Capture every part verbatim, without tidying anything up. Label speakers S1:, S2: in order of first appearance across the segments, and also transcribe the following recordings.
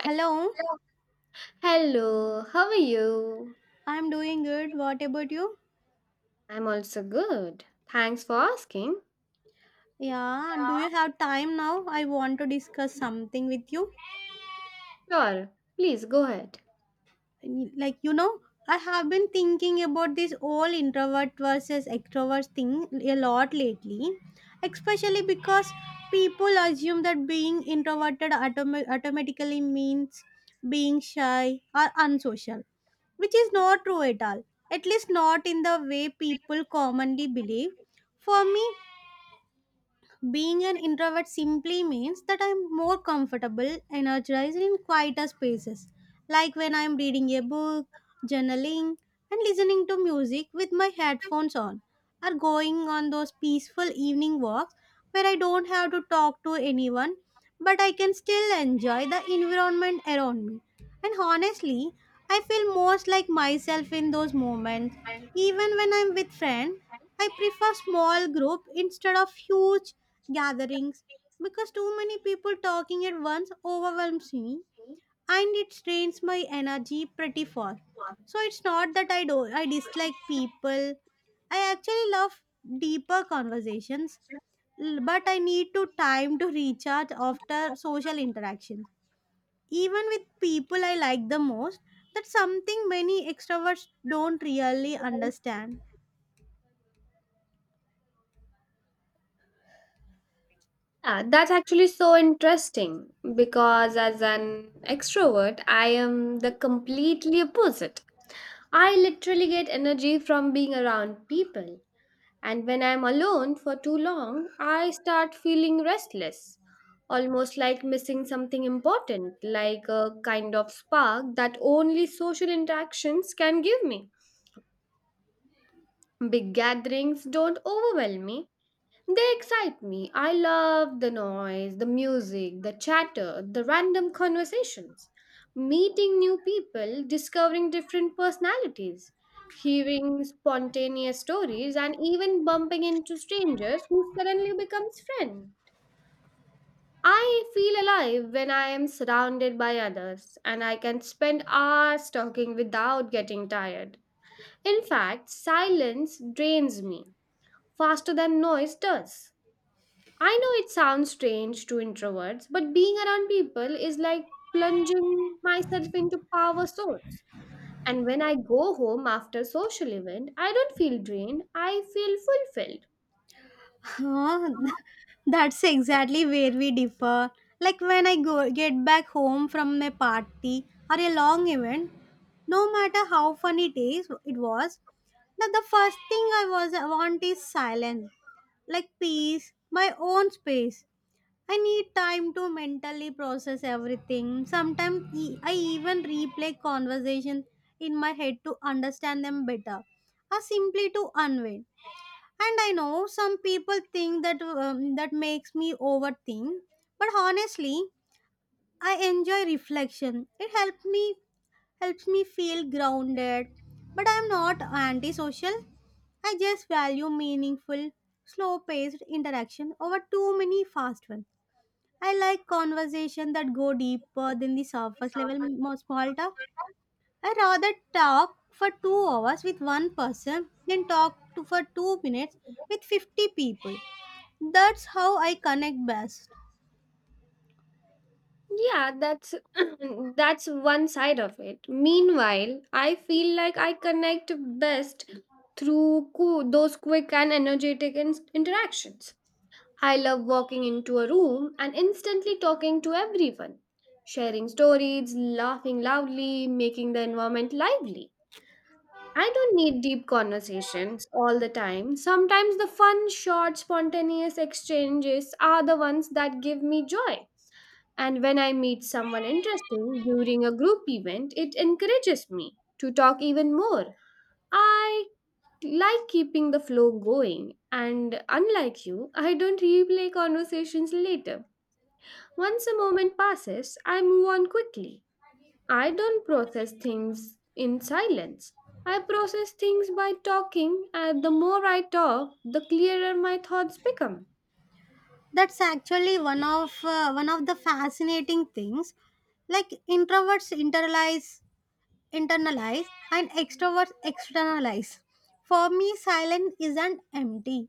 S1: Hi.
S2: Hello,
S1: Hello, how are you?
S2: I'm doing good. What about you?
S1: I'm also good. Thanks for asking.
S2: Yeah,
S1: Yeah.
S2: do you have time now? I want to discuss something with you.
S1: Sure, please go ahead.
S2: Like, you know, I have been thinking about this whole introvert versus extrovert thing a lot lately, especially because people assume that being introverted autom- automatically means being shy or unsocial, which is not true at all, at least not in the way people commonly believe. For me, being an introvert simply means that I'm more comfortable, energized in quieter spaces, like when I'm reading a book, journaling, and listening to music with my headphones on, or going on those peaceful evening walks where I don't have to talk to anyone, but I can still enjoy the environment around me. And honestly, I feel most like myself in those moments. Even when I'm with friends, I prefer small group instead of huge gatherings because too many people talking at once overwhelms me and it strains my energy pretty far. So it's not that I do I dislike people. I actually love deeper conversations, l- but I need to time to recharge after social interactions. Even with people I like the most, that's something many extroverts don't really understand.
S1: Ah, that's actually so interesting because as an extrovert, I am the completely opposite. I literally get energy from being around people. And when I'm alone for too long, I start feeling restless, almost like missing something important, like a kind of spark that only social interactions can give me. Big gatherings don't overwhelm me, they excite me. I love the noise, the music, the chatter, the random conversations, meeting new people, discovering different personalities, hearing spontaneous stories, and even bumping into strangers who suddenly becomes friends. I feel alive when I am surrounded by others and I can spend hours talking without getting tired. In fact, silence drains me faster than noise does. I know it sounds strange to introverts, but being around people is like plunging myself into power source. And when I go home after social event, I don't feel drained, I feel fulfilled.
S2: Huh? That's exactly where we differ. Like when I go get back home from a party or a long event, no matter how fun it is, it was that the first thing I was want is silence, like peace, my own space. I need time to mentally process everything. Sometimes e- I even replay conversations in my head to understand them better, or simply to unwind. And I know some people think that um, that makes me overthink, but honestly, I enjoy reflection. It helps me helps me feel grounded, but I'm not antisocial. I just value meaningful, slow paced interaction over too many fast ones. I like conversation that go deeper than the surface level, more small talk. I rather talk for two hours with one person than talk to for two minutes with fifty people. That's how I connect best.
S1: Yeah, that's that's one side of it. Meanwhile, I feel like I connect best through coo- those quick and energetic in- interactions. I love walking into a room and instantly talking to everyone, sharing stories, laughing loudly, making the environment lively. I don't need deep conversations all the time. Sometimes the fun, short, spontaneous exchanges are the ones that give me joy. And when I meet someone interesting during a group event, it encourages me to talk even more. I like keeping the flow going, and unlike you, I don't replay conversations later. Once a moment passes, I move on quickly. I don't process things in silence. I process things by talking, and the more I talk, the clearer my thoughts become.
S2: That's actually one of uh, one of the fascinating things. Like introverts internalize internalize and extroverts externalize. For me silence isn't empty,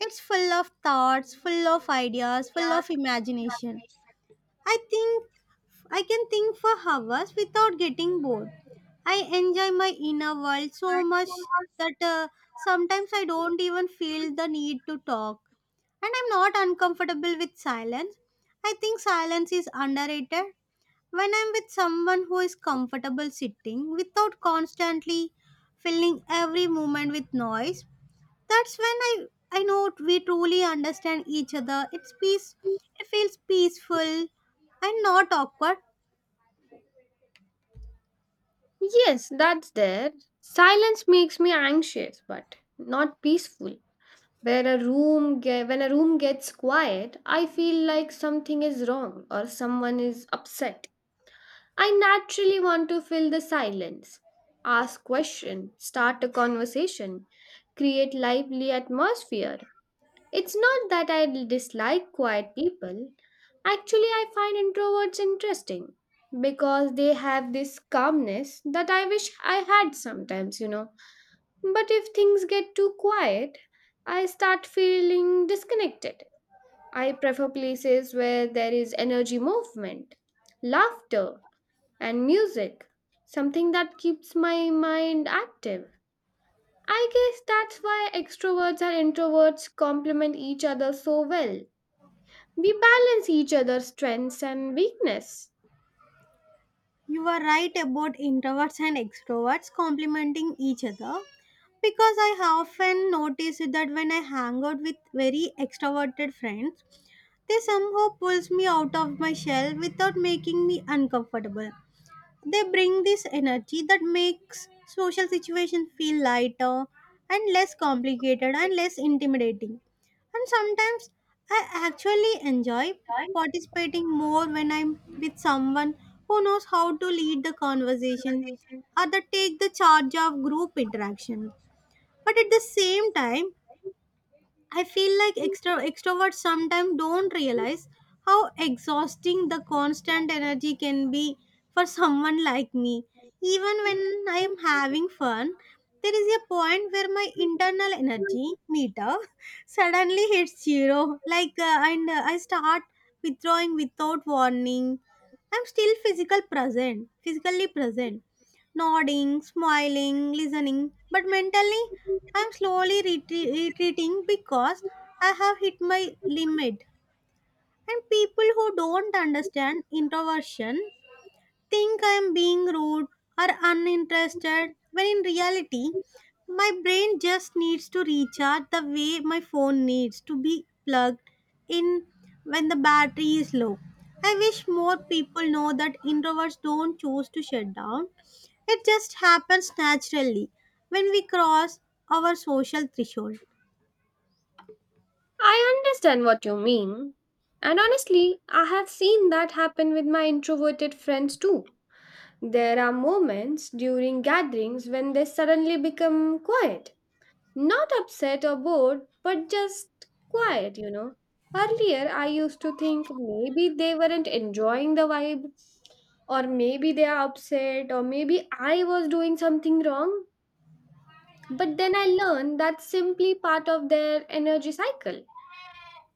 S2: it's full of thoughts, full of ideas, full of imagination. I think I can think for hours without getting bored. I enjoy my inner world so much that uh, sometimes I don't even feel the need to talk. And I'm not uncomfortable with silence. I think silence is underrated. When I'm with someone who is comfortable sitting without constantly filling every moment with noise, that's when I, I know we truly understand each other. It's peace, it feels peaceful and not awkward.
S1: Yes, that's there. Silence makes me anxious, but not peaceful. Where a room ge- when a room gets quiet, I feel like something is wrong or someone is upset. I naturally want to fill the silence, ask question, start a conversation, create lively atmosphere. It's not that I dislike quiet people. Actually, I find introverts interesting because they have this calmness that I wish I had sometimes, you know. But if things get too quiet, I start feeling disconnected. I prefer places where there is energy movement, laughter, and music, something that keeps my mind active. I guess that's why extroverts and introverts complement each other so well. We balance each other's strengths and weakness.
S2: You are right about introverts and extroverts complementing each other because I have often noticed that when I hang out with very extroverted friends, they somehow pulls me out of my shell without making me uncomfortable. They bring this energy that makes social situations feel lighter and less complicated and less intimidating. And sometimes I actually enjoy participating more when I'm with someone who knows how to lead the conversation or that take the charge of group interaction. But at the same time, I feel like extro- extroverts sometimes don't realize how exhausting the constant energy can be for someone like me. Even when I am having fun, there is a point where my internal energy meter suddenly hits zero. Like, uh, and uh, I start withdrawing without warning. I'm still physical present, physically present, nodding, smiling, listening, but mentally I'm slowly retre- retreating because I have hit my limit. And people who don't understand introversion think I'm being rude or uninterested when in reality, my brain just needs to recharge the way my phone needs to be plugged in when the battery is low. I wish more people know that introverts don't choose to shut down. It just happens naturally when we cross our social threshold.
S1: I understand what you mean. And honestly, I have seen that happen with my introverted friends too. There are moments during gatherings when they suddenly become quiet. Not upset or bored, but just quiet, you know. Earlier, I used to think maybe they weren't enjoying the vibe, or maybe they are upset, or maybe I was doing something wrong. But then I learned that's simply part of their energy cycle.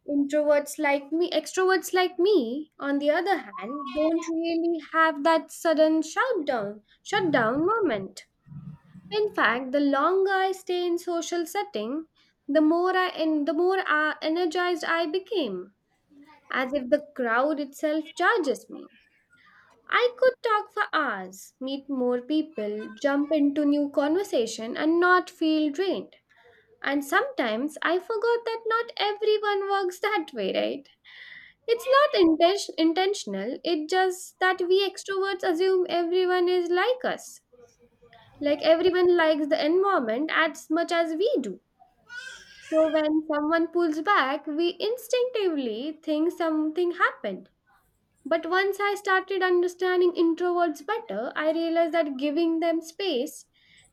S1: Introverts like me, extroverts like me, on the other hand, don't really have that sudden shutdown, shutdown moment. In fact, the longer I stay in social setting, the more I and the more uh, energized I became, as if the crowd itself charges me. I could talk for hours, meet more people, jump into new conversation and not feel drained. And sometimes I forgot that not everyone works that way, right? It's not inten- intentional, it's just that we extroverts assume everyone is like us. Like everyone likes the environment as much as we do. So when someone pulls back, we instinctively think something happened. But once I started understanding introverts better, I realized that giving them space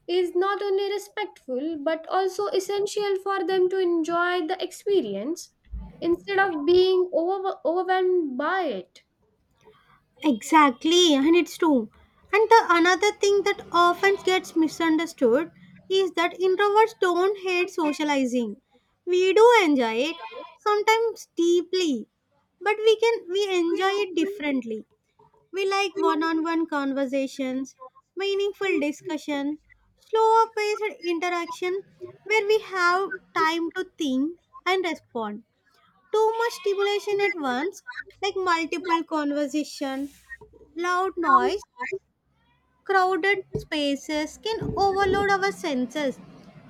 S1: is not only respectful but also essential for them to enjoy the experience instead of being over- overwhelmed by it.
S2: Exactly, and it's true. And the another thing that often gets misunderstood is that introverts don't hate socializing. We do enjoy it, sometimes deeply, but we can we enjoy it differently. We like one-on-one conversations, meaningful discussion, slower paced interaction where we have time to think and respond. Too much stimulation at once, like multiple conversation, loud noise, crowded spaces can overload our senses.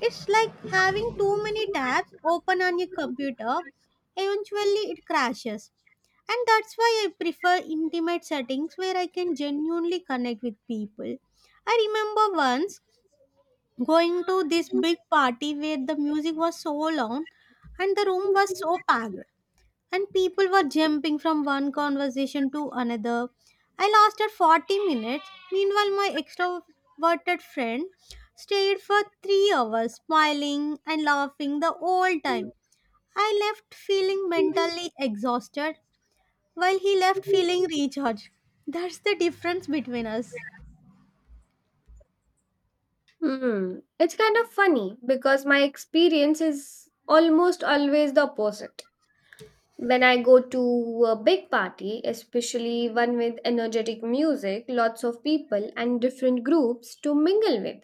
S2: It's like having too many tabs open on your computer. Eventually, it crashes. And that's why I prefer intimate settings where I can genuinely connect with people. I remember once going to this big party where the music was so loud and the room was so packed and people were jumping from one conversation to another. I lasted forty minutes. Meanwhile, my extroverted friend stayed for three hours, smiling and laughing the whole time. I left feeling mentally exhausted, while he left feeling recharged. That's the difference between us.
S1: Hmm. It's kind of funny because my experience is almost always the opposite. When I go to a big party, especially one with energetic music, lots of people, and different groups to mingle with,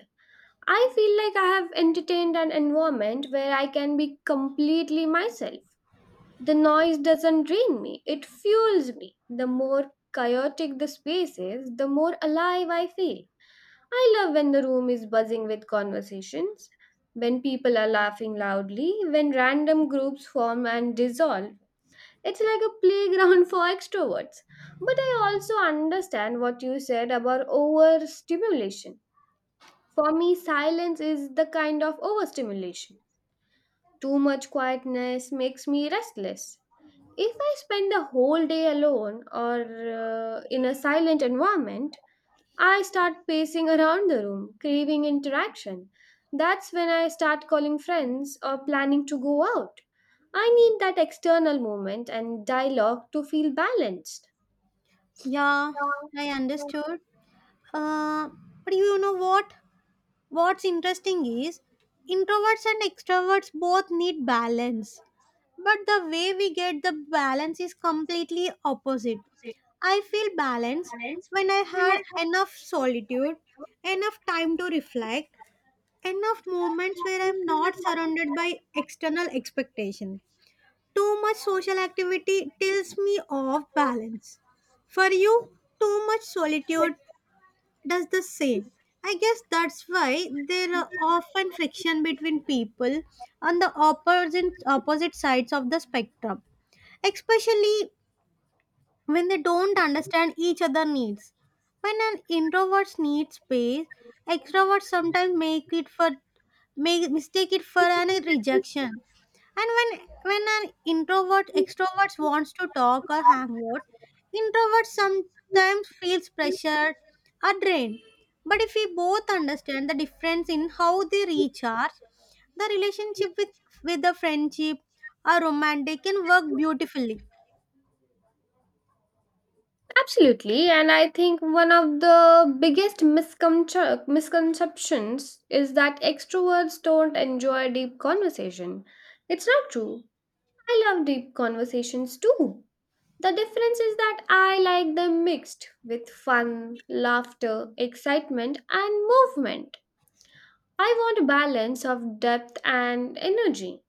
S1: I feel like I have entertained an environment where I can be completely myself. The noise doesn't drain me, it fuels me. The more chaotic the space is, the more alive I feel. I love when the room is buzzing with conversations, when people are laughing loudly, when random groups form and dissolve. It's like a playground for extroverts. But I also understand what you said about overstimulation. For me, silence is the kind of overstimulation. Too much quietness makes me restless. If I spend a whole day alone or uh, in a silent environment, I start pacing around the room, craving interaction. That's when I start calling friends or planning to go out. I need that external moment and dialogue to feel balanced.
S2: Yeah, I understood. Uh, but you know what? What's interesting is introverts and extroverts both need balance, but the way we get the balance is completely opposite. I feel balance when I had enough solitude, enough time to reflect, enough moments where I'm not surrounded by external expectation. Too much social activity tills me off balance. For you, too much solitude, does the same. I guess that's why there are often friction between people on the opposite opposite sides of the spectrum, especially when they don't understand each other needs. When an introvert needs space, extroverts sometimes make it for make mistake it for an rejection. And when when an introvert extrovert wants to talk or hang out, introverts sometimes feels pressured or drained. But if we both understand the difference in how they recharge, the relationship with with the friendship or romantic can work beautifully.
S1: Absolutely, and I think one of the biggest misconce- misconceptions is that extroverts don't enjoy deep conversation. It's not true. I love deep conversations too. The difference is that I like them mixed with fun, laughter, excitement, and movement. I want a balance of depth and energy.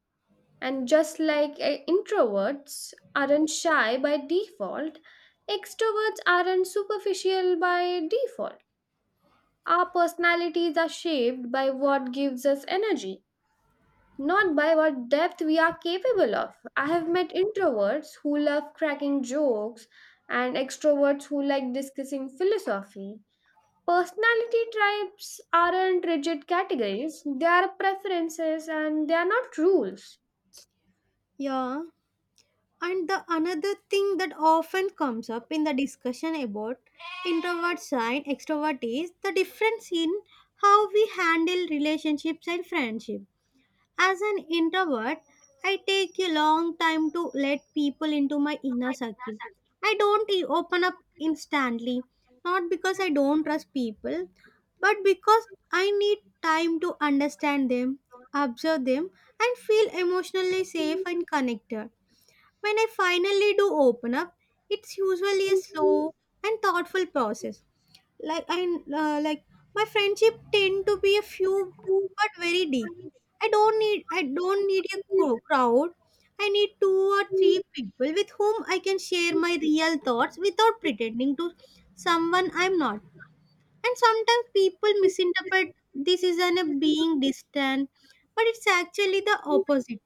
S1: And just like eh, introverts aren't shy by default, extroverts aren't superficial by default. Our personalities are shaped by what gives us energy, not by what depth we are capable of. I have met introverts who love cracking jokes and extroverts who like discussing philosophy. Personality types aren't rigid categories, they are preferences and they are not rules.
S2: Yeah. And the another thing that often comes up in the discussion about introverts and extrovert is the difference in how we handle relationships and friendship. As an introvert, I take a long time to let people into my inner circle. I don't e- open up instantly, not because I don't trust people, but because I need time to understand them, observe them, and feel emotionally safe and connected. When I finally do open up, it's usually a slow and thoughtful process. Like I uh, like My friendship tend to be a few but very deep. I don't need I don't need a cro- crowd. I need two or three people with whom I can share my real thoughts without pretending to someone I'm not. And sometimes people misinterpret this is an a being distant, but it's actually the opposite.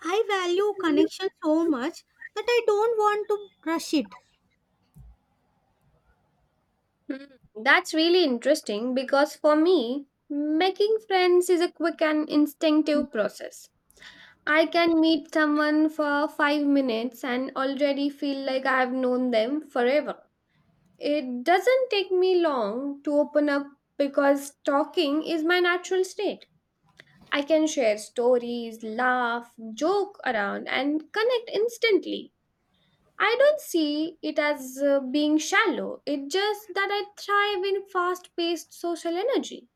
S2: I value connection so much that I don't want to rush it.
S1: Mm, That's really interesting because for me, making friends is a quick and instinctive process. I can meet someone for five minutes and already feel like I have known them forever. It doesn't take me long to open up because talking is my natural state. I can share stories, laugh, joke around, and connect instantly. I don't see it as uh, being shallow. It's just that I thrive in fast paced social energy.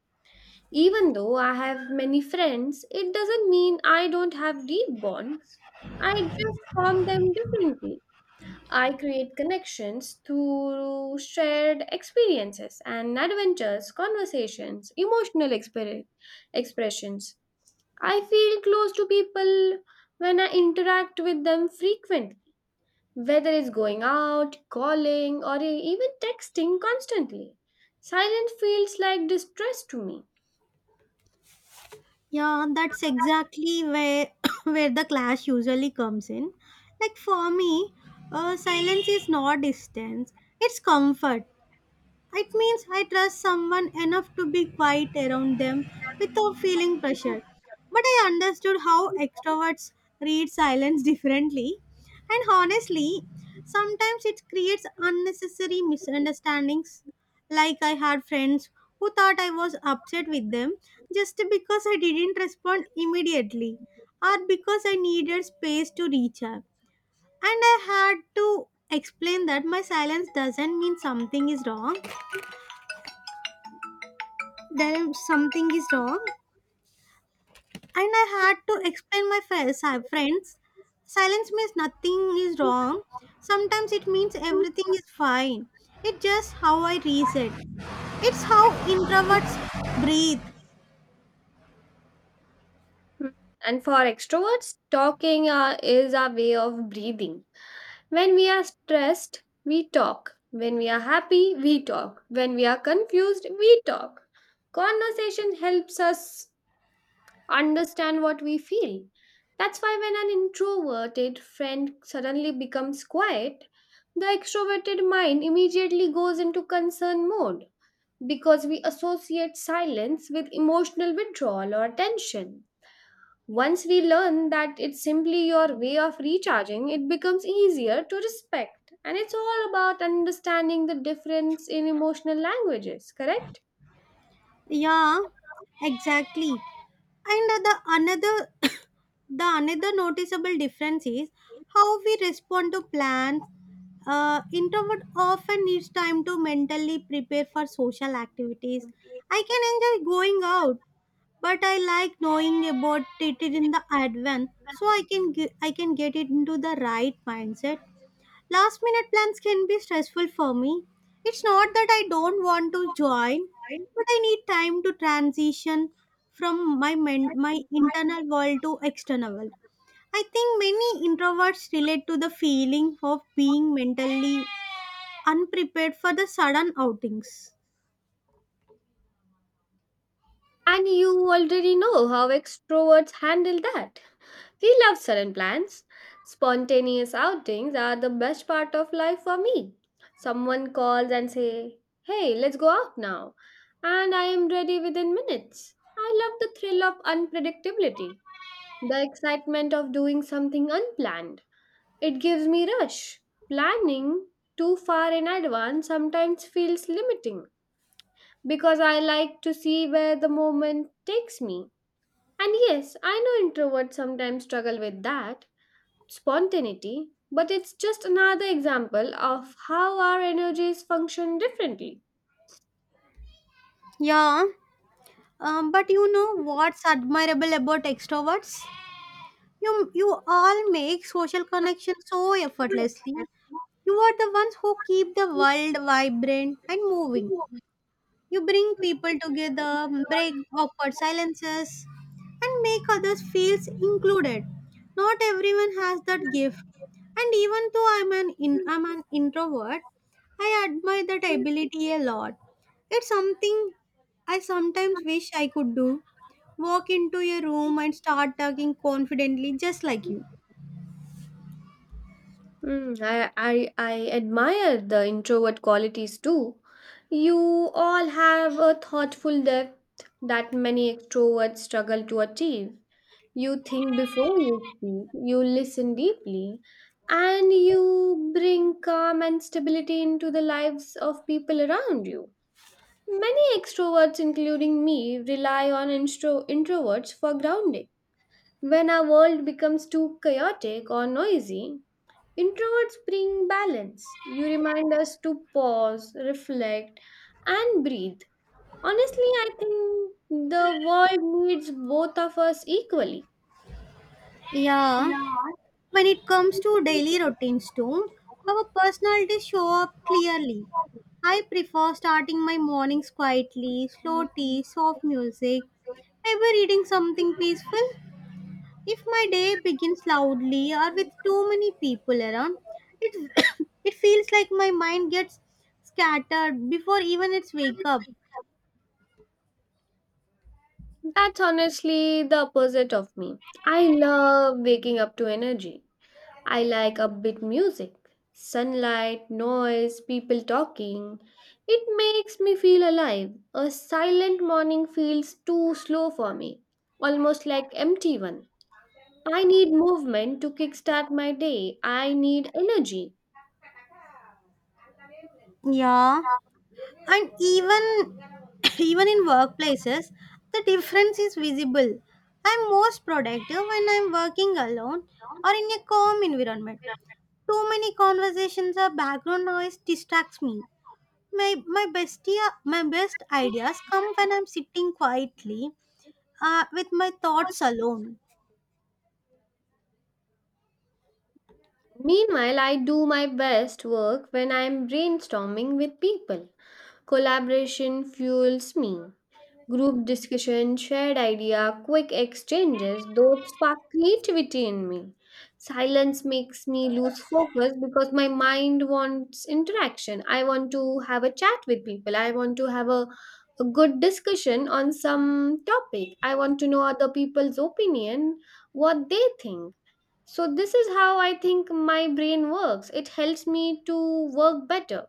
S1: Even though I have many friends, it doesn't mean I don't have deep bonds. I just form them differently. I create connections through shared experiences and adventures, conversations, emotional exper- expressions. I feel close to people when I interact with them frequently whether it's going out, calling, or e- even texting constantly. Silence feels like distress to me.
S2: Yeah, that's exactly where where the clash usually comes in. Like for me, uh, silence is not distance; it's comfort. It means I trust someone enough to be quiet around them without feeling pressured. But I understood how extroverts read silence differently, and honestly, sometimes it creates unnecessary misunderstandings. Like I had friends who thought I was upset with them just because I didn't respond immediately or because I needed space to recharge. And I had to explain that my silence doesn't mean something is wrong. Then something is wrong. And I had to explain my fa- si- friends. Silence means nothing is wrong. Sometimes it means everything is fine. It's just how I reset. It's how introverts breathe.
S1: Mm. And for extroverts, talking uh, is our way of breathing. When we are stressed, we talk. When we are happy, we talk. When we are confused, we talk. Conversation helps us understand what we feel. That's why when an introverted friend suddenly becomes quiet, the extroverted mind immediately goes into concern mode because we associate silence with emotional withdrawal or tension. Once we learn that it's simply your way of recharging, it becomes easier to respect. And it's all about understanding the difference in emotional languages, correct?
S2: Yeah, exactly. And the another the another noticeable difference is how we respond to plans. Uh, introvert often needs time to mentally prepare for social activities. I can enjoy going out but I like knowing about it in the advance so I can ge- I can get it into the right mindset. Last minute plans can be stressful for me. It's not that I don't want to join, but I need time to transition from my men- my internal world to external world. I think many introverts relate to the feeling of being mentally unprepared for the sudden outings.
S1: And you already know how extroverts handle that. We love sudden plans. Spontaneous outings are the best part of life for me. Someone calls and say, "Hey, let's go out now." And I am ready within minutes. I love the thrill of unpredictability, the excitement of doing something unplanned. It gives me rush. Planning too far in advance sometimes feels limiting because I like to see where the moment takes me. And yes, I know introverts sometimes struggle with that spontaneity, but it's just another example of how our energies function differently.
S2: Yeah, um, but you know what's admirable about extroverts? You you all make social connections so effortlessly. You are the ones who keep the world vibrant and moving. You bring people together, break awkward silences, and make others feel included. Not everyone has that gift. And even though I'm an in, I'm an introvert, I admire that ability a lot. It's something I sometimes wish I could do. Walk into a room and start talking confidently just like you.
S1: Mm, I, I, I admire the introvert qualities too. You all have a thoughtful depth that many extroverts struggle to achieve. You think before you speak, you listen deeply, and you bring calm and stability into the lives of people around you. Many extroverts, including me, rely on intro- introverts for grounding. When our world becomes too chaotic or noisy, introverts bring balance. You remind us to pause, reflect, and breathe. Honestly, I think the world needs both of us equally.
S2: Yeah, when it comes to daily routines too, our personalities show up clearly. I prefer starting my mornings quietly, slow tea, soft music, ever reading something peaceful. If my day begins loudly or with too many people around, it, it feels like my mind gets scattered before even it's wake up.
S1: That's honestly the opposite of me. I love waking up to energy. I like upbeat music. Sunlight, noise, people talking. It makes me feel alive. A silent morning feels too slow for me, almost like empty one. I need movement to kickstart my day. I need energy.
S2: Yeah. And even even in workplaces the difference is visible. I'm most productive when I'm working alone or in a calm environment. Too many conversations or background noise distracts me. My my best ia- my best ideas come when I'm sitting quietly, uh, with my thoughts alone.
S1: Meanwhile, I do my best work when I am brainstorming with people. Collaboration fuels me. Group discussion, shared idea, quick exchanges, those spark creativity in me. Silence makes me lose focus because my mind wants interaction. I want to have a chat with people. I want to have a, a good discussion on some topic. I want to know other people's opinion, what they think. So this is how I think my brain works. It helps me to work better.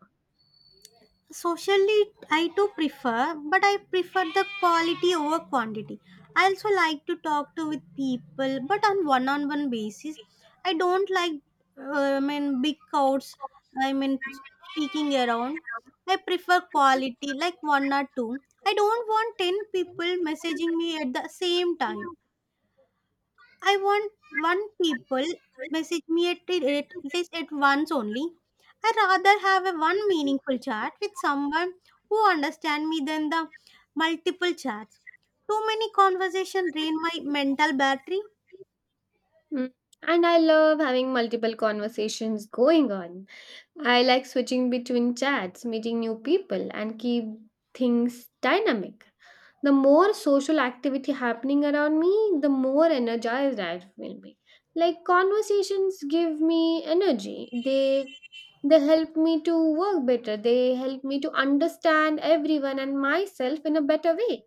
S2: Socially, I do prefer, but I prefer the quality over quantity. I also like to talk to with people, but on one-on-one basis. I don't like, uh, I mean, big crowds. I mean, speaking around. I prefer quality, like one or two. I don't want ten people messaging me at the same time. I want one people message me at, at least at once only. I rather have a one meaningful chat with someone who understand me than the multiple chats. Too many conversation drain my mental battery.
S1: Mm. And I love having multiple conversations going on. I like switching between chats, meeting new people, and keep things dynamic. The more social activity happening around me, the more energized I will be. Like conversations give me energy. They they help me to work better. They help me to understand everyone and myself in a better way.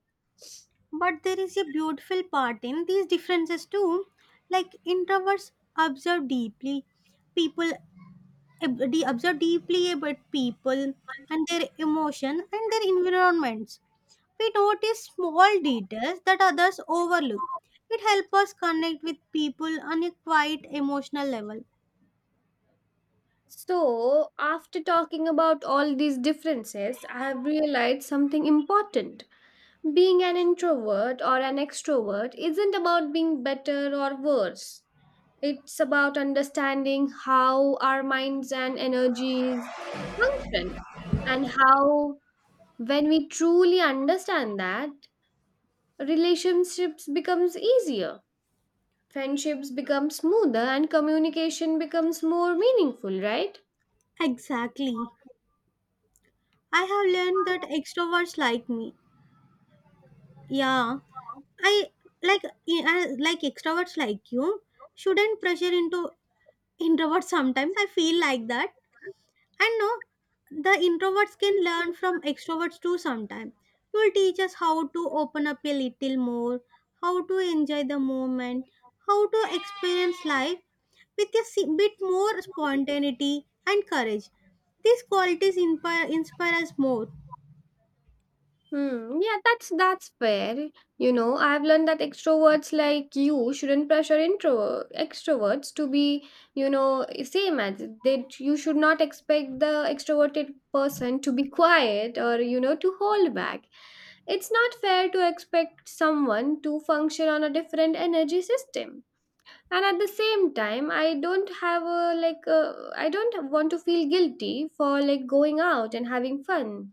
S2: But there is a beautiful part in these differences too. Like introverts observe deeply. People ob- de- observe deeply about people and their emotion and their environments. We notice small details that others overlook. It helps us connect with people on a quite emotional level.
S1: So, after talking about all these differences, I have realized something important. Being an introvert or an extrovert isn't about being better or worse. It's about understanding how our minds and energies function and how when we truly understand that, relationships becomes easier, friendships become smoother and communication becomes more meaningful, right?
S2: Exactly. I have learned that extroverts like me. Yeah, I like e, I- like extroverts like you shouldn't pressure into introverts. Sometimes I feel like that. And no, the introverts can learn from extroverts too sometime. You will teach us how to open up a little more, how to enjoy the moment, how to experience life with a si- bit more spontaneity and courage. These qualities inspire, inspire us more.
S1: Hmm, yeah, that's that's fair. You know, I've learned that extroverts like you shouldn't pressure intro extroverts to be, you know, same as that you should not expect the extroverted person to be quiet or, you know, to hold back. It's not fair to expect someone to function on a different energy system, and at the same time I don't have a like uh, I don't want to feel guilty for like going out and having fun.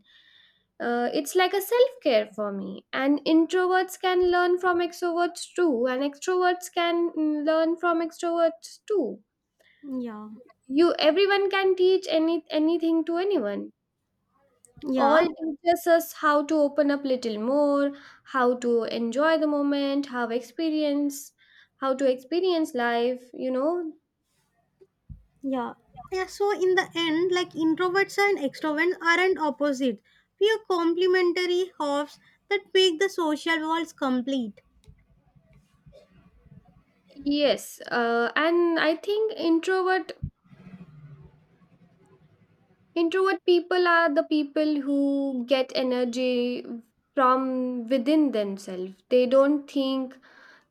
S1: uh, It's like a self-care for me, and introverts can learn from extroverts too, and extroverts can mm, learn from extroverts too.
S2: Yeah.
S1: You everyone can teach any anything to anyone. All
S2: Yeah.
S1: teaches us how to open up little more, how to enjoy the moment, how experience how to experience life, you know.
S2: Yeah. Yeah. So in the end, like introverts and extroverts aren't opposite. We are complementary halves that make the social worlds complete.
S1: Yes, uh, and I think introvert introvert people are the people who get energy from within themselves. They don't think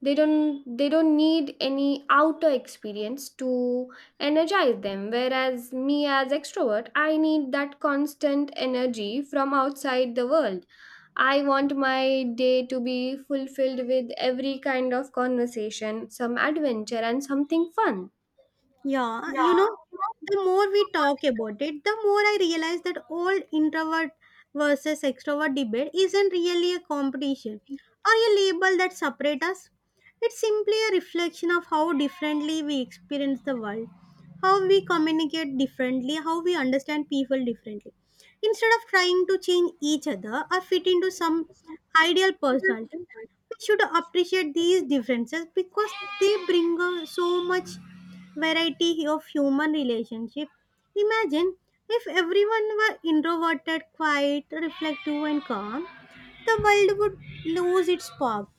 S1: they don't they don't need any outer experience to energize them. Whereas me as extrovert, I need that constant energy from outside the world. I want my day to be fulfilled with every kind of conversation, some adventure, and something fun.
S2: Yeah, you know, the more we talk about it, the more I realize that old introvert versus extrovert debate isn't really a competition or a label that separates us. It's simply a reflection of how differently we experience the world, how we communicate differently, how we understand people differently. Instead of trying to change each other or fit into some ideal personality, we should appreciate these differences because they bring us so much variety of human relationship. Imagine if everyone were introverted, quiet, reflective, and calm, the world would lose its pop.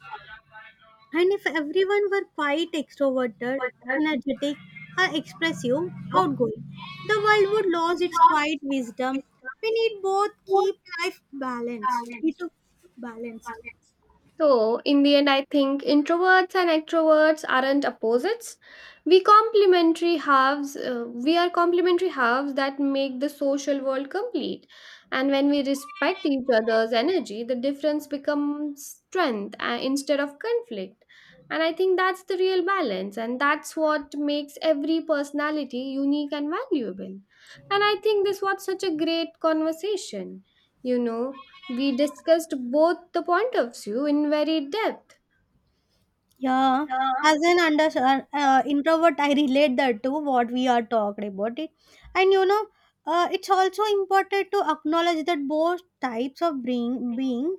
S2: And if everyone were quiet, extroverted, energetic, or expressive, outgoing, the world would lose its quiet wisdom. We need both keep life balanced. Need to balance.
S1: So, in the end, I think introverts and extroverts aren't opposites. We complementary halves. Uh, we are complementary halves that make the social world complete. And when we respect each other's energy, the difference becomes strength uh, instead of conflict. And I think that's the real balance, and that's what makes every personality unique and valuable. And I think this was such a great conversation. You know, we discussed both the point of view in very depth.
S2: Yeah, as an under uh, uh, introvert, I relate that to what we are talking about it, and you know, uh, it's also important to acknowledge that both types of being being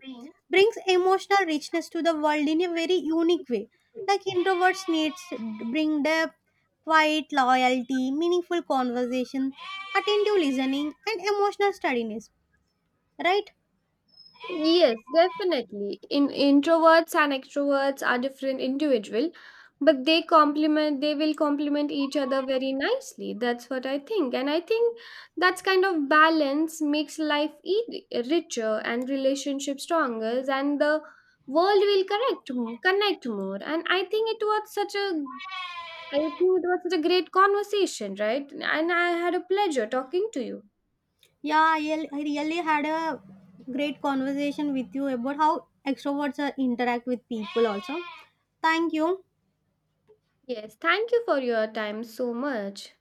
S2: brings emotional richness to the world in a very unique way. Like introverts needs bring depth, quiet loyalty, meaningful conversation, attentive listening, and emotional steadiness. Right?
S1: Yes, definitely. In introverts and extroverts are different individual, but they complement they will complement each other very nicely. That's what I think. And I think that's kind of balance makes life e- richer and relationship stronger and the world will correct more, connect more. And I think it was such a I think it was such a great conversation, right? And I had a pleasure talking to you.
S2: Yeah, I really I really had a great conversation with you about how extroverts uh, interact with people also. Thank you.
S1: Yes, thank you for your time so much.